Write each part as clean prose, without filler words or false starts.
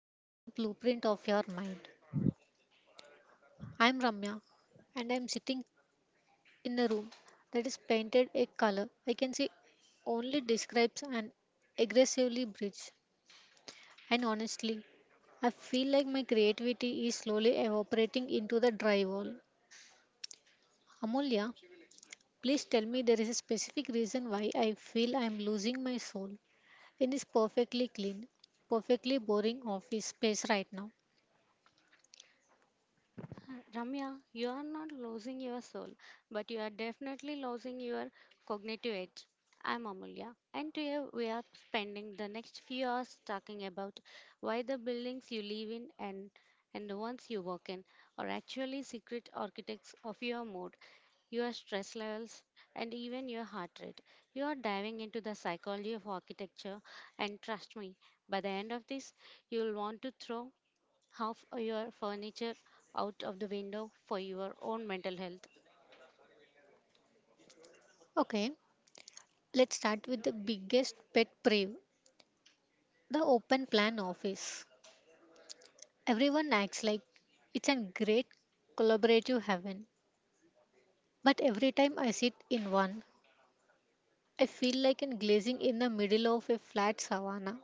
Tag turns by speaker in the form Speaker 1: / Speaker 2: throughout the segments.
Speaker 1: Welcome to the Blueprint of Your Mind. I'm Ramya and I'm sitting in a room that is painted a color I can say only describes an aggressively bridge. And honestly, I feel like my creativity is slowly evaporating into the drywall. Amulya, please tell me there is a specific reason why I feel I'm losing my soul in this perfectly clean, perfectly boring office space right now.
Speaker 2: Ramya, you are not losing your soul, but you are definitely losing your cognitive edge. I'm Amulya, and today we are spending the next few hours talking about why the buildings you live in and the ones you work in are actually secret architects of your mood, your stress levels, and even your heart rate. You are diving into the psychology of architecture, and trust me, by the end of this, you'll want to throw half your furniture out of the window for your own mental health.
Speaker 1: Okay. Let's start with the biggest pet peeve the open plan office. Everyone acts like it's a great collaborative heaven, but every time I sit in one, I feel like I'm glazing in the middle of a flat savanna,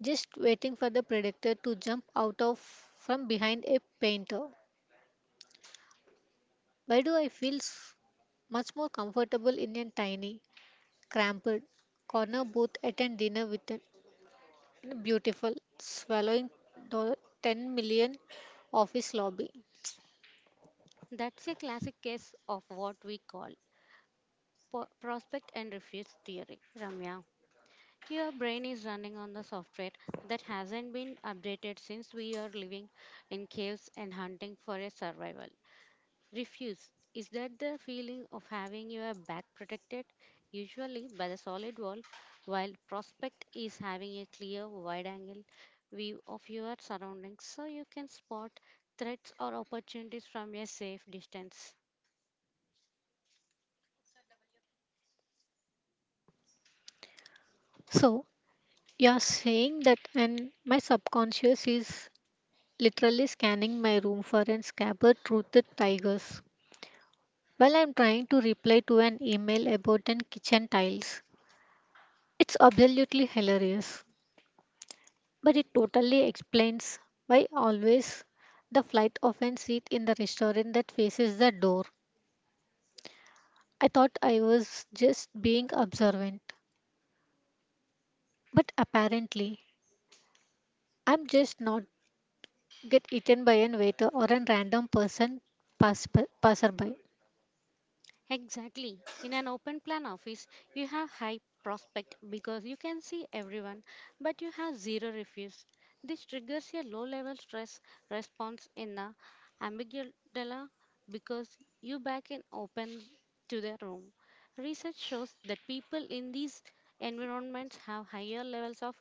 Speaker 1: just waiting for the predator to jump out of from behind a painter. Why do I feel much more comfortable in a tiny, cramped corner booth at a dinner with an Beautiful, swallowing the 10 million office lobby.
Speaker 2: That's a classic case of what we call prospect and refuse theory. Ramya, your brain is running on the software that hasn't been updated since we are living in caves and hunting for a survival. Refuse. Is that the feeling of having your back protected, usually by the solid wall, while prospect is having a clear, wide angle view of your surroundings so you can spot threats or opportunities from a safe distance?
Speaker 1: So, you're saying that, and my subconscious is literally scanning my room for an scabbard toothed tigers while I'm trying to reply to an email about an kitchen tiles. It's absolutely hilarious, but it totally explains why always the flight of an seat in the restaurant that faces the door. I thought I was just being observant. But apparently, I'm just not get eaten by an waiter or a random person pass by, passerby.
Speaker 2: Exactly. In an open plan office, you have high prospect because you can see everyone, but you have zero refuse. This triggers a low level stress response in the amygdala because you back in open to the room. Research shows that people in these environments have higher levels of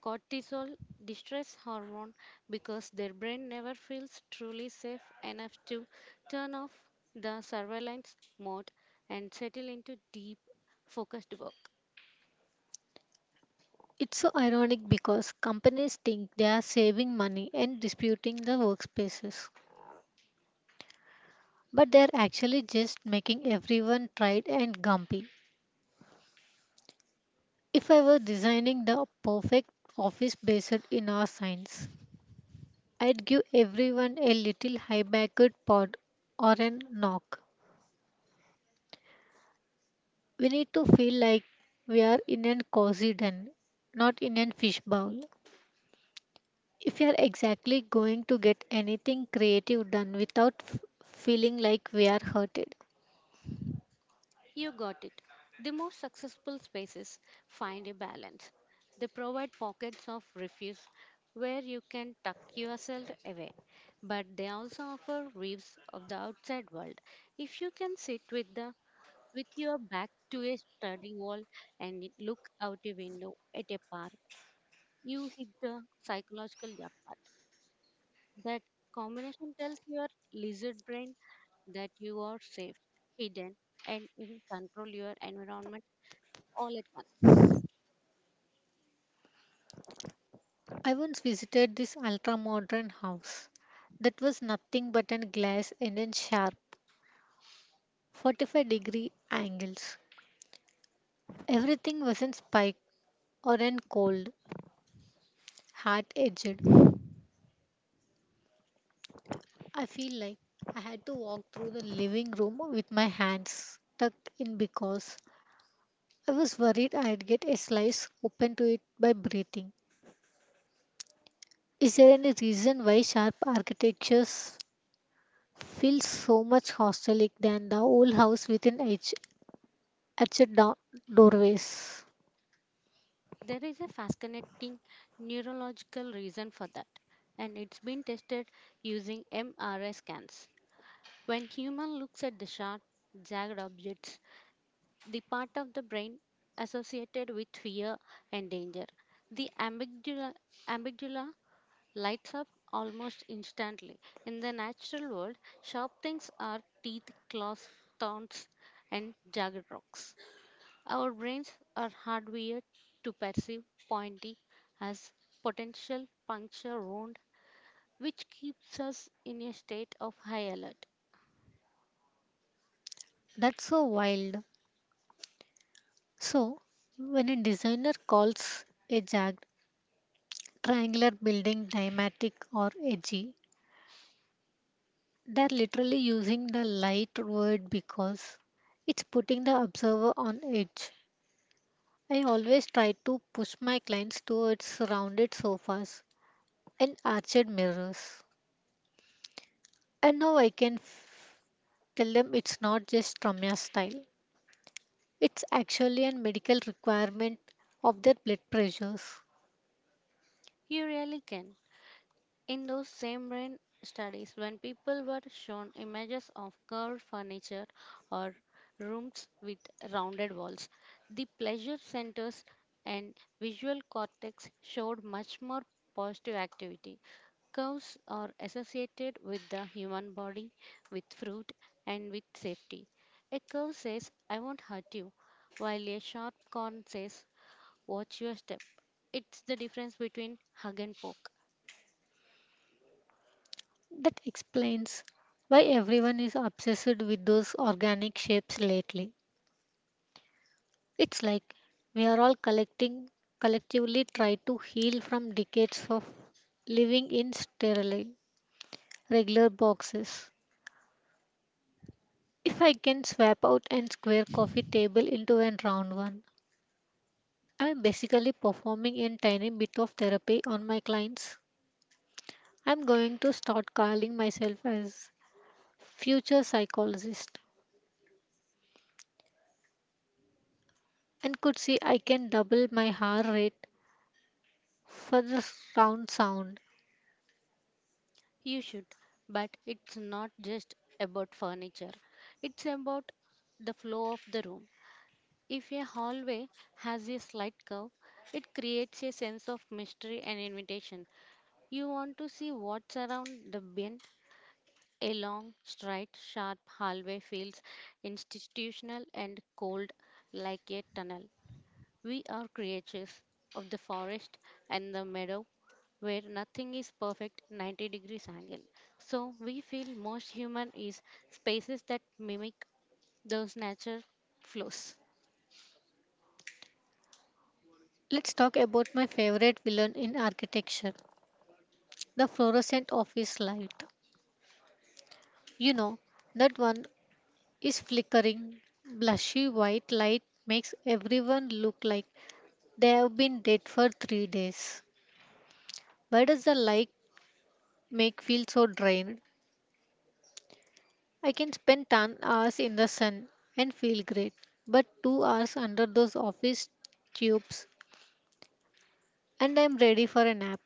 Speaker 2: cortisol distress hormone because their brain never feels truly safe enough to turn off the surveillance mode and settle into deep, focused work.
Speaker 1: It's so ironic because companies think they are saving money and disputing the workspaces, but they're actually just making everyone tired and grumpy. If I were designing the perfect office based in our science, I'd give everyone a little high-backed pod or a knock. We need to feel like we are in a cozy den, not in a fish bowl. If you are exactly going to get anything creative done without feeling like we are hurted.
Speaker 2: You got it. The most successful spaces find a balance. They provide pockets of refuge where you can tuck yourself away, but they also offer waves of the outside world. If you can sit with the with your back to a study wall and look out a window at a park, you hit the psychological jackpot. That combination tells your lizard brain that you are safe, hidden, and in control your environment all at once.
Speaker 1: I once visited this ultra modern house that was nothing but a glass and a sharp 45-degree angles. Everything was in spike or in cold, hard edged. I feel like I had to walk through the living room with my hands tucked in because I was worried I'd get a slice open to it by breathing. Is there any reason why sharp architectures feel so much hostelic than the old house within each etched doorways?
Speaker 2: There is a fascinating neurological reason for that, and it's been tested using MRI scans. When human looks at the sharp, jagged objects, the part of the brain associated with fear and danger, the amygdala, lights up almost instantly. In the natural world, sharp things are teeth, claws, thorns, and jagged rocks. Our brains are hardwired to perceive pointy as potential puncture wound, which keeps us in a state of high alert.
Speaker 1: That's so wild. So, when a designer calls a jagged triangular building dramatic or edgy, they're literally using the light word because it's putting the observer on edge. I always try to push my clients towards rounded sofas and arched mirrors. And now I can tell them it's not just Ramya style, it's actually a medical requirement of their blood pressures.
Speaker 2: You really can. In those same brain studies, when people were shown images of curved furniture or rooms with rounded walls, the pleasure centers and visual cortex showed much more positive activity. Curves are associated with the human body, with fruit, and with safety. A curve says, I won't hurt you, while a sharp corn says, watch your step. It's the difference between hug and poke.
Speaker 1: That explains why everyone is obsessed with those organic shapes lately. It's like we are all collecting collectively try to heal from decades of living in sterile regular boxes. If I can swap out and square coffee table into a round one, I'm basically performing a tiny bit of therapy on my clients. I'm going to start calling myself as future psychologist and could see I can double my hour rate for the round sound.
Speaker 2: You should, but it's not just about furniture. It's about the flow of the room. If a hallway has a slight curve, it creates a sense of mystery and invitation. You want to see what's around the bend. A long, straight, sharp hallway feels institutional and cold like a tunnel. We are creatures of the forest and the meadow where nothing is perfect 90 degrees angle. So we feel most human is spaces that mimic those nature flows.
Speaker 1: Let's talk about my favorite villain in architecture, the fluorescent office light. You know, that one is flickering, blushy white light makes everyone look like they have been dead for 3 days. Why does the light make feel so drained? I can spend 10 hours in the sun and feel great, but 2 hours under those office tubes and I'm ready for a nap.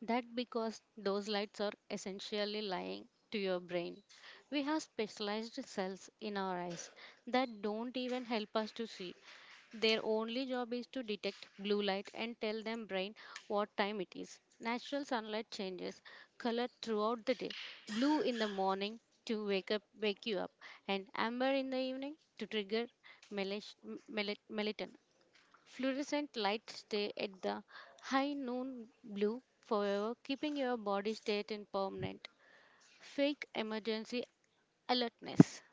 Speaker 2: That because those lights are essentially lying to your brain. We have specialized cells in our eyes that don't even help us to see. Their only job is to detect blue light and tell them brain what time it is. Natural sunlight changes color throughout the day. Blue in the morning to wake you up and amber in the evening to trigger melatonin. Fluorescent lights stay at the high noon blue forever, keeping your body state in permanent fake emergency alertness.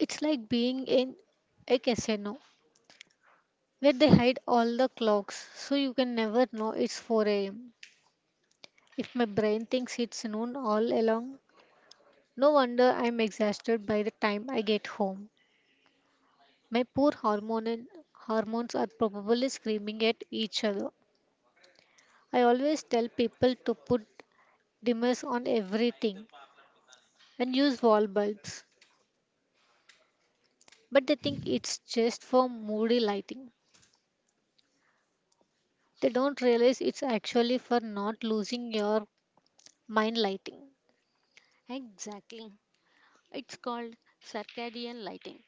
Speaker 1: It's like being in a casino where they hide all the clocks so you can never know it's 4 a.m. If my brain thinks it's noon all along, no wonder I'm exhausted by the time I get home. My poor hormonal hormones are probably screaming at each other. I always tell people to put dimmers on everything and use wall bulbs, but they think it's just for moody lighting. They don't realize it's actually for not losing your mind lighting.
Speaker 2: Exactly. It's called circadian lighting.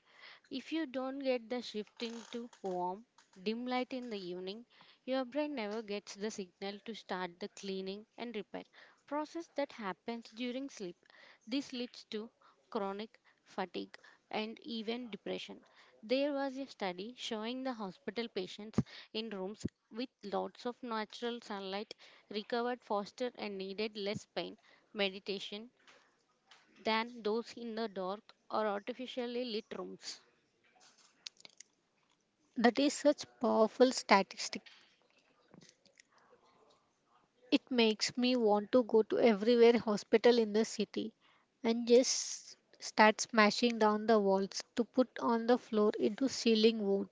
Speaker 2: If you don't get the shift into warm, dim light in the evening, your brain never gets the signal to start the cleaning and repair process that happens during sleep. This leads to chronic fatigue and even depression. There was a study showing the hospital patients in rooms with lots of natural sunlight recovered faster and needed less pain meditation than those in the dark or artificially lit rooms.
Speaker 1: That is such powerful statistic. It makes me want to go to everywhere hospital in the city and just start smashing down the walls to put on the floor into ceiling wood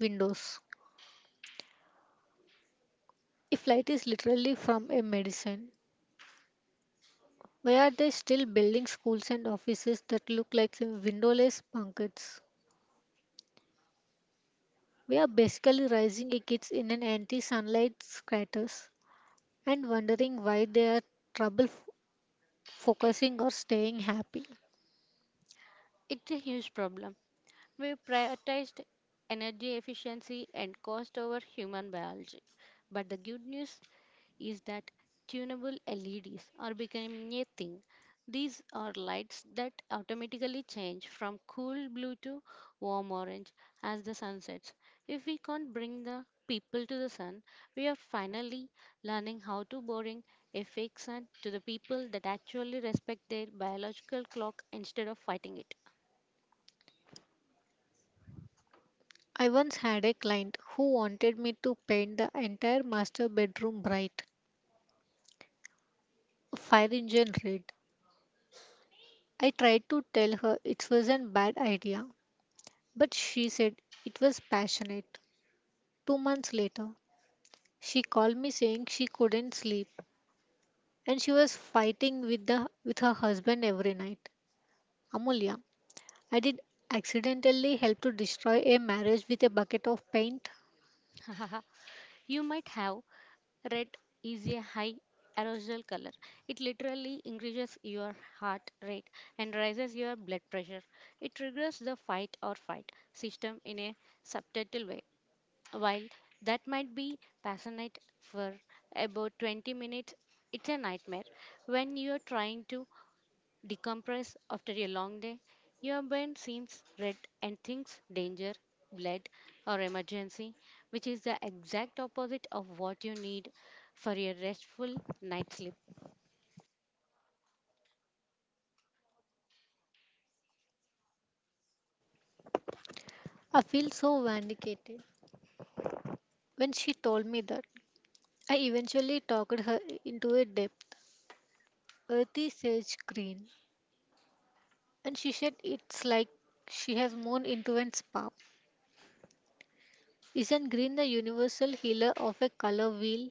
Speaker 1: windows. If light is literally from a medicine, why are they still building schools and offices that look like windowless bunkers? We are basically raising a kids in an anti-sunlight craters and wondering why they are trouble focusing or staying happy.
Speaker 2: It's a huge problem. We prioritized energy efficiency and cost over human biology. But the good news is that tunable LEDs are becoming a thing. These are lights that automatically change from cool blue to warm orange as the sun sets. If we can't bring the people to the sun, we are finally learning how to boring a fake sun to the people that actually respect their biological clock instead of fighting it.
Speaker 1: I once had a client who wanted me to paint the entire master bedroom bright, a fire engine red. I tried to tell her it was an bad idea, but she said it was passionate. 2 months later, she called me saying she couldn't sleep and she was fighting with her husband every night. Amulya, I did accidentally help to destroy a marriage with a bucket of paint.
Speaker 2: You might have. Red is a high arousal color. It literally increases your heart rate and raises your blood pressure. It triggers the fight or flight system in a subtle way. While that might be passionate for about 20 minutes, it's a nightmare when you're trying to decompress after a long day. Your brain seems red and thinks danger, blood, or emergency, which is the exact opposite of what you need for a restful night's sleep.
Speaker 1: I feel so vindicated when she told me that. I eventually talked her into a depth, earthy sage green, and she said it's like she has mown into a spa. Isn't green the universal healer of a color wheel?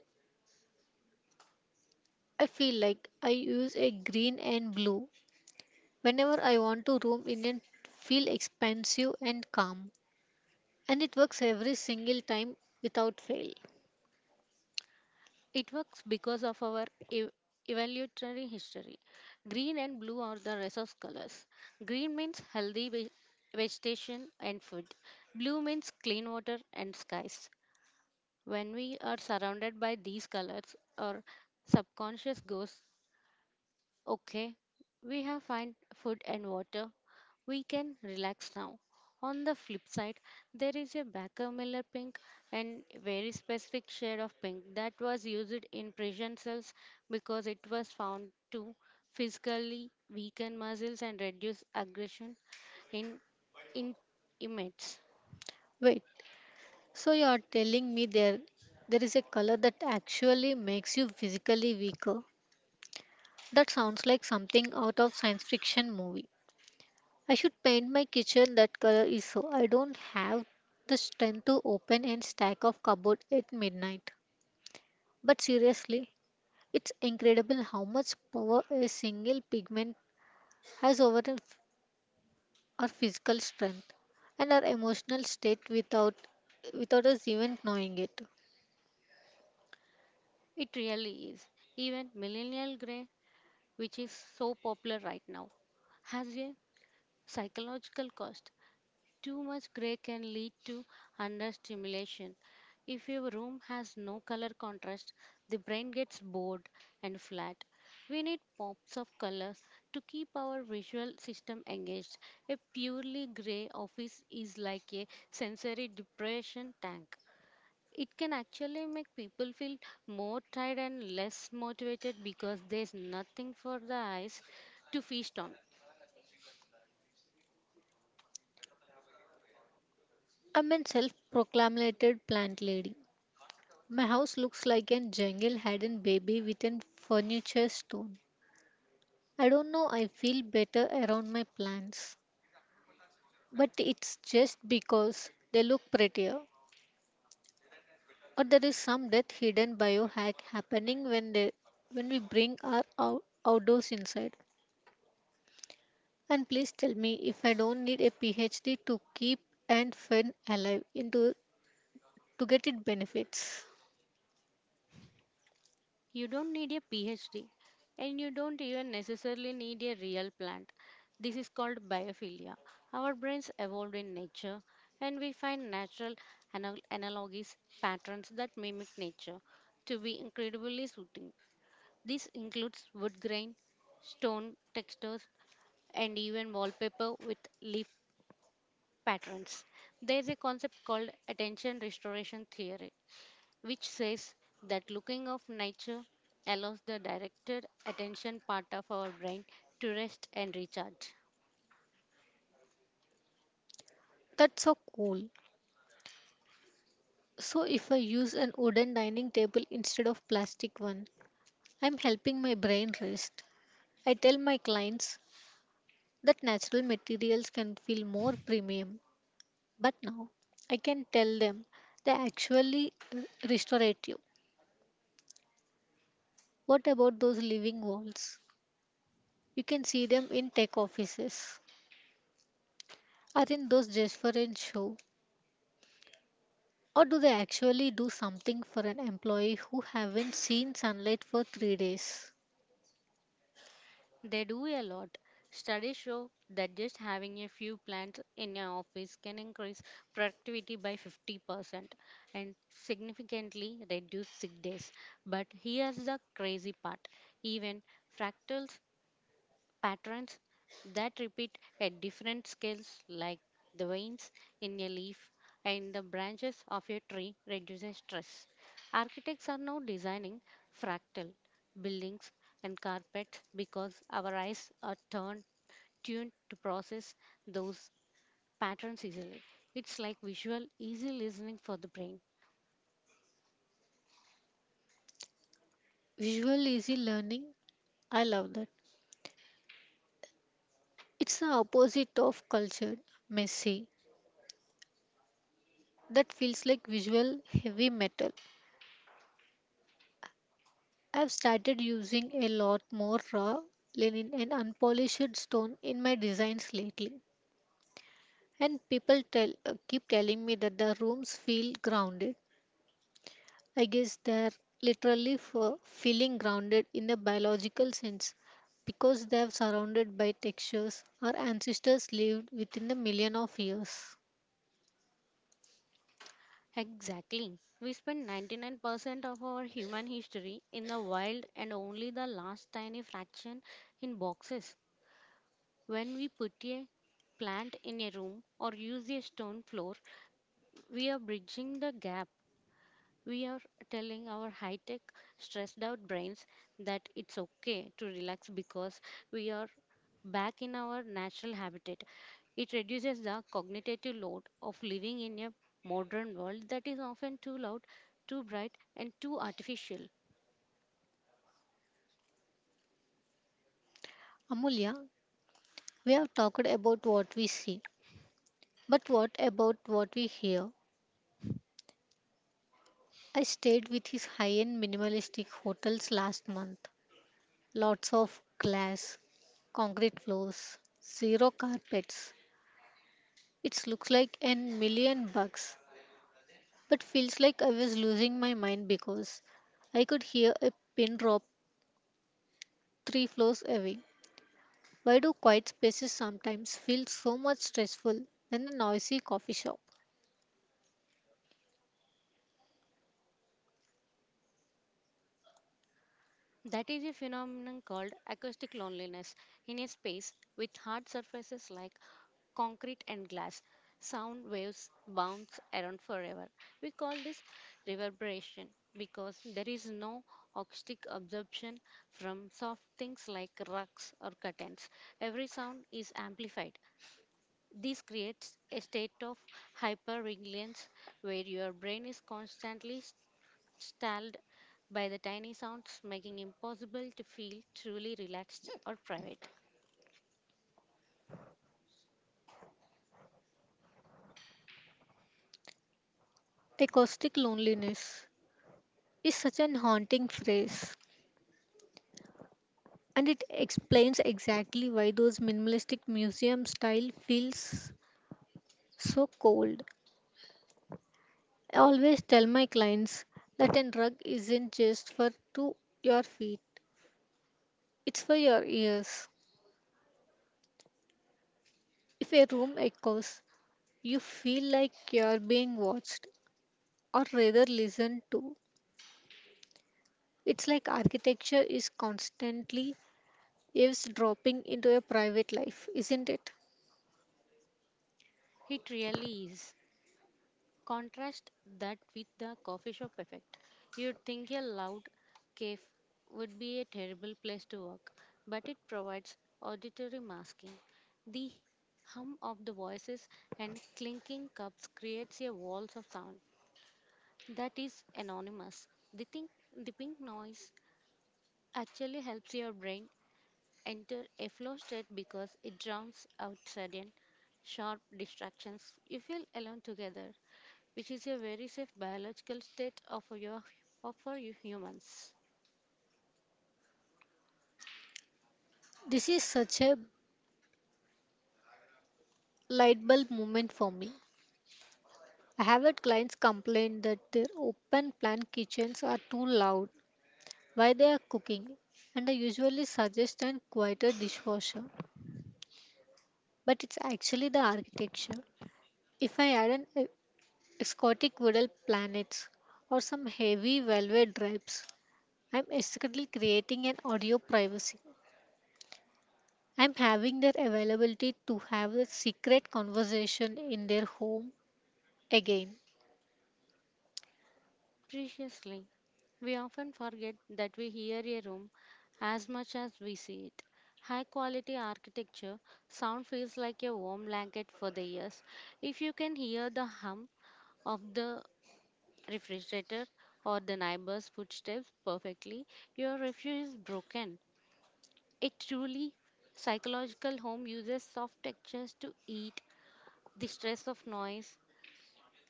Speaker 1: I feel like I use a green and blue whenever I want to roam in and feel expansive and calm. And it works every single time without fail.
Speaker 2: It works because of our ev- evolutionary history. Green and blue are the resource colors. Green means healthy vegetation and food, blue means clean water and skies. When we are surrounded by these colors, our subconscious goes, okay, we have find food and water. We can relax now. On the flip side, there is a Baker Miller pink and very specific shade of pink that was used in prison cells because it was found to physically weaken muscles and reduce aggression in, in inmates.
Speaker 1: Wait, so you are telling me there is a color that actually makes you physically weaker? That sounds like something out of science fiction movie. I should paint my kitchen that color is so I don't have the strength to open and stack of cupboard at midnight. But seriously, it's incredible how much power a single pigment has over the our physical strength and our emotional state without us even knowing it.
Speaker 2: It really is. Even millennial gray, which is so popular right now, has a psychological cost. Too much gray can lead to understimulation. If your room has no color contrast, the brain gets bored and flat. We need pops of color to keep our visual system engaged. A purely gray office is like a sensory depression tank. It can actually make people feel more tired and less motivated because there's nothing for the eyes to feast on.
Speaker 1: I'm a self-proclaimed plant lady. My house looks like a jungle hidden baby within furniture stone. I don't know I feel better around my plants, but it's just because they look prettier, or there is some death hidden biohack happening when they when we bring our outdoors inside and please tell me if I don't need a PhD to keep and fend alive into to get it benefits.
Speaker 2: You don't need a PhD and you don't even necessarily need a real plant. This is called biophilia. Our brains evolved in nature and we find natural analogies, patterns that mimic nature to be incredibly soothing. This includes wood grain, stone textures, and even wallpaper with leaf patterns. There is a concept called attention restoration theory which says that looking of nature allows the directed attention part of our brain to rest and recharge.
Speaker 1: That's so cool. So if I use an wooden dining table instead of plastic one, I'm helping my brain rest. I tell my clients that natural materials can feel more premium, but now I can tell them they're actually restorative. What about those living walls? You can see them in tech offices. Aren't those just for a show? Or do they actually do something for an employee who haven't seen sunlight for 3 days?
Speaker 2: They do a lot. Studies show that just having a few plants in your office can increase productivity by 50% and significantly reduce sick days. But here's the crazy part, even fractals patterns that repeat at different scales, like the veins in a leaf and the branches of a tree, reduces stress. Architects are now designing fractal buildings and carpets because our eyes are turned tuned to process those patterns easily. It's like visual easy listening for the brain.
Speaker 1: Visual easy learning, I love that. It's the opposite of cultured, messy. That feels like visual heavy metal. I've started using a lot more raw linen and unpolished stone in my designs lately. And people tell keep telling me that the rooms feel grounded. I guess they're literally for feeling grounded in a biological sense because they are surrounded by textures our ancestors lived within a million of years.
Speaker 2: Exactly. We spend 99% of our human history in the wild and only the last tiny fraction in boxes. When we put a plant in a room or use a stone floor, we are bridging the gap. We are telling our high tech, stressed out brains that it's okay to relax because we are back in our natural habitat. It reduces the cognitive load of living in a modern world that is often too loud, too bright, and too artificial.
Speaker 1: Amulya, we have talked about what we see, but what about what we hear? I stayed with his high-end minimalistic hotels last month. Lots of glass, concrete floors, zero carpets. It looks like an $1 million, but feels like I was losing my mind because I could hear a pin drop three floors away. Why do quiet spaces sometimes feel so much stressful than the noisy coffee shop?
Speaker 2: That is a phenomenon called acoustic loneliness. In a space with hard surfaces like concrete and glass, sound waves bounce around forever. We call this reverberation because there is no acoustic absorption from soft things like rugs or curtains. Every sound is amplified. This creates a state of hypervigilance where your brain is constantly stalled by the tiny sounds, making impossible to feel truly relaxed or private.
Speaker 1: Acoustic loneliness is such an haunting phrase, and it explains exactly why those minimalistic museum style feels so cold. I always tell my clients that a rug isn't just for to your feet. It's for your ears. If a room echoes, you feel like you're being watched or rather listened to. It's like architecture is constantly eavesdropping into your private life, isn't it?
Speaker 2: It really is. Contrast that with the coffee shop effect. You'd think a loud cave would be a terrible place to work, but it provides auditory masking. The hum of the voices and clinking cups creates a walls of sound that is anonymous. The, think, the pink noise actually helps your brain enter a flow state because it drowns out sudden, sharp distractions. You feel alone together, which is a very safe biological state of your of for you humans.
Speaker 1: This is such a light bulb moment for me. I have had clients complain that their open plan kitchens are too loud while they are cooking, and I usually suggest an quieter dishwasher. But it's actually the architecture. If I add an Scotic Woodal Planets, or some heavy velvet drapes, I'm secretly creating an audio privacy. I'm having their availability to have a secret conversation in their home again.
Speaker 2: Preciously, we often forget that we hear a room as much as we see it. High quality architecture, sound feels like a warm blanket for the ears. If you can hear the hum of the refrigerator or the neighbor's footsteps perfectly, your refuge is broken. A truly psychological home uses soft textures to eat the stress of noise,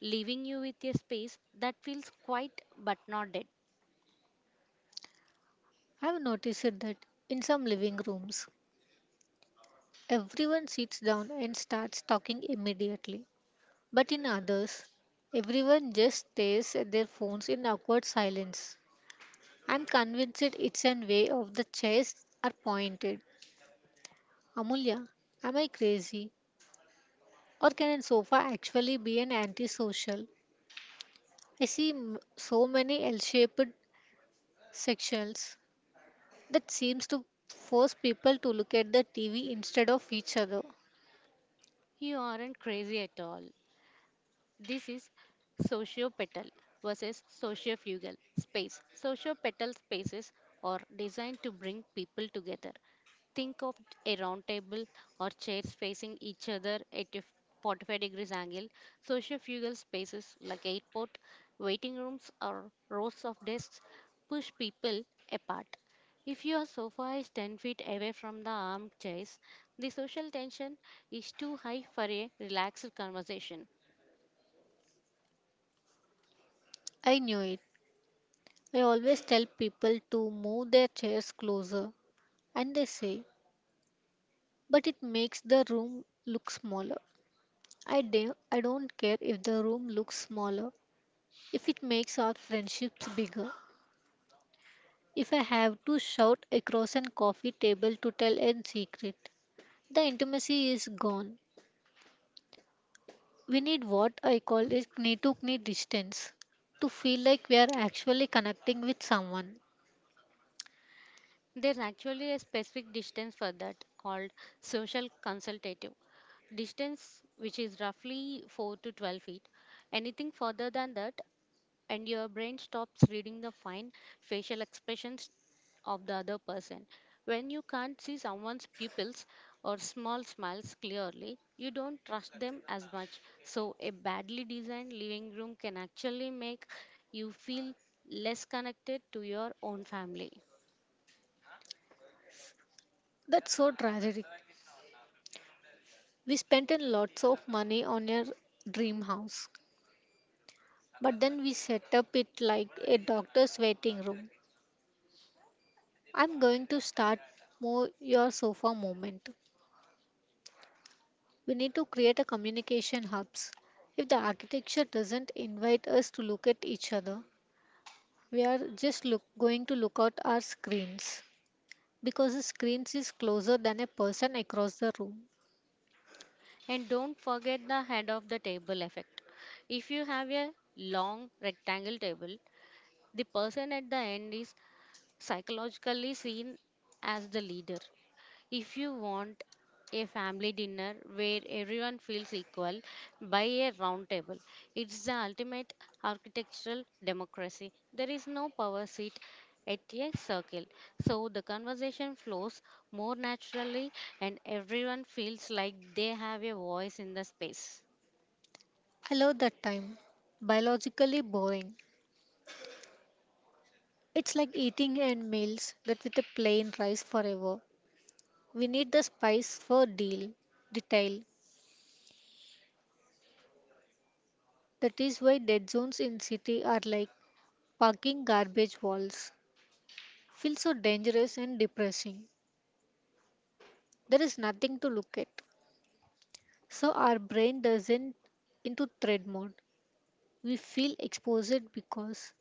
Speaker 2: leaving you with a space that feels quiet but not dead.
Speaker 1: I've noticed that in some living rooms, everyone sits down and starts talking immediately. But in others, everyone just stares at their phones in awkward silence. I'm convinced it's an way of the chairs are pointed. Amulya, am I crazy? Or can a sofa actually be an antisocial? I see so many L shaped sections that seems to force people to look at the TV instead of each other.
Speaker 2: You aren't crazy at all. This is sociopetal versus sociofugal space. Sociopetal spaces are designed to bring people together. Think of a round table or chairs facing each other at a 45 degrees angle. Sociofugal spaces like airport, waiting rooms, or rows of desks push people apart. If your sofa is 10 feet away from the armchairs, the social tension is too high for a relaxed conversation.
Speaker 1: I knew it. I always tell people to move their chairs closer, and they say, but it makes the room look smaller. I don't care if the room looks smaller, if it makes our friendships bigger. If I have to shout across a coffee table to tell a secret, the intimacy is gone. We need what I call is knee to knee distance to feel like we are actually connecting with someone.
Speaker 2: There's actually a specific distance for that called social consultative distance, which is roughly 4 to 12 feet. Anything further than that, and your brain stops reading the fine facial expressions of the other person. When you can't see someone's pupils or small smiles clearly, you don't trust them as much. So, a badly designed living room can actually make you feel less connected to your own family.
Speaker 1: That's so tragic. We spent in lots of money on a dream house, but then we set up it like a doctor's waiting room. I'm going to start more your sofa moment. We need to create a communication hubs. If the architecture doesn't invite us to look at each other, we are just going to look at our screens because the screens is closer than a person across the room.
Speaker 2: And don't forget the head of the table effect. If you have a long rectangle table, the person at the end is psychologically seen as the leader. If you want a family dinner where everyone feels equal, buy a round table. It's the ultimate architectural democracy. There is no power seat at a circle, so the conversation flows more naturally and everyone feels like they have a voice in the space.
Speaker 1: I love that time. Biologically boring. It's like eating and meals that with a plain rice forever. We need the spice for detail. That is why dead zones in city are like parking garbage walls. Feel so dangerous and depressing. There is nothing to look at. So our brain doesn't into thread mode. We feel exposed because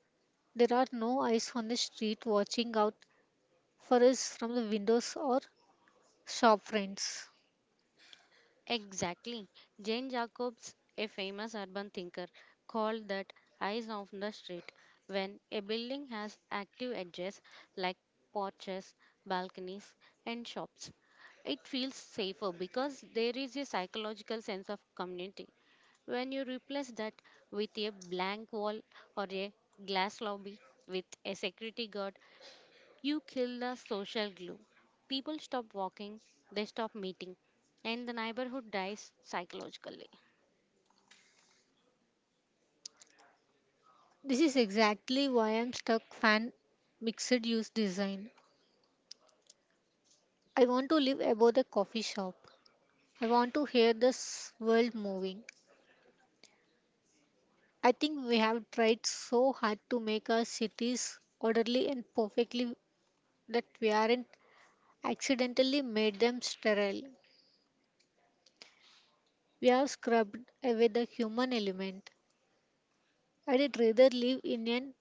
Speaker 1: there are no eyes on the street watching out for us from the windows or shop fronts.
Speaker 2: Exactly. Jane Jacobs, a famous urban thinker, called that eyes of the street. When a building has active edges like porches, balconies, and shops, it feels safer because there is a psychological sense of community. When you replace that with a blank wall or a glass lobby with a security guard, you kill the social glue. People stop walking, they stop meeting, and the neighborhood dies psychologically.
Speaker 1: This is exactly why I'm stuck fan mixed use design. I want to live above the coffee shop. I want to hear this world moving. I think we have tried so hard to make our cities orderly and perfectly that we aren't accidentally made them sterile. We have scrubbed away the human element. I'd rather live in a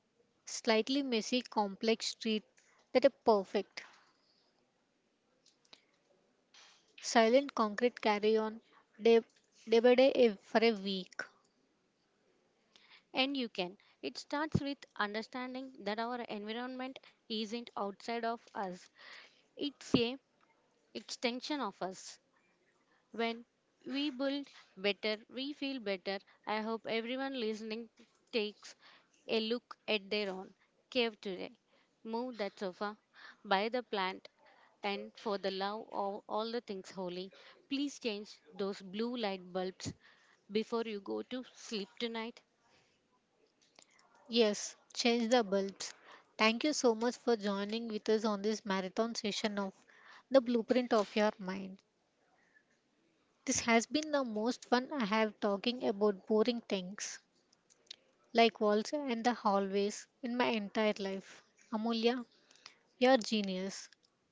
Speaker 1: slightly messy, complex street than a perfect, silent concrete carry on day, for a week.
Speaker 2: And you can. It starts with understanding that our environment isn't outside of us, it's a extension of us. When we build better, we feel better. I hope everyone listening takes a look at their own cave today. Move that sofa, buy the plant, and for the love of all the things holy, please change those blue light bulbs before you go to sleep tonight.
Speaker 1: Yes, change the bulbs. Thank you so much for joining with us on this marathon session of The Blueprint of Your Mind. This has been the most fun I have talking about boring things like walls and the hallways in my entire life. Amulya, you're genius.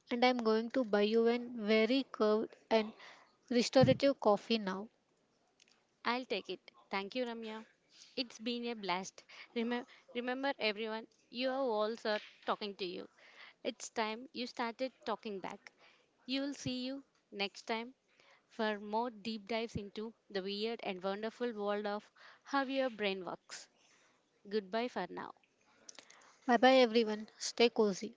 Speaker 1: And I'm going to buy you a very curved and restorative coffee now.
Speaker 2: I'll take it. Thank you, Ramya. It's been a blast. Remember, remember, everyone, your walls are talking to you. It's time you started talking back. You'll see you next time for more deep dives into the weird and wonderful world of how your brain works. Goodbye for now.
Speaker 1: Bye bye everyone. Stay cozy.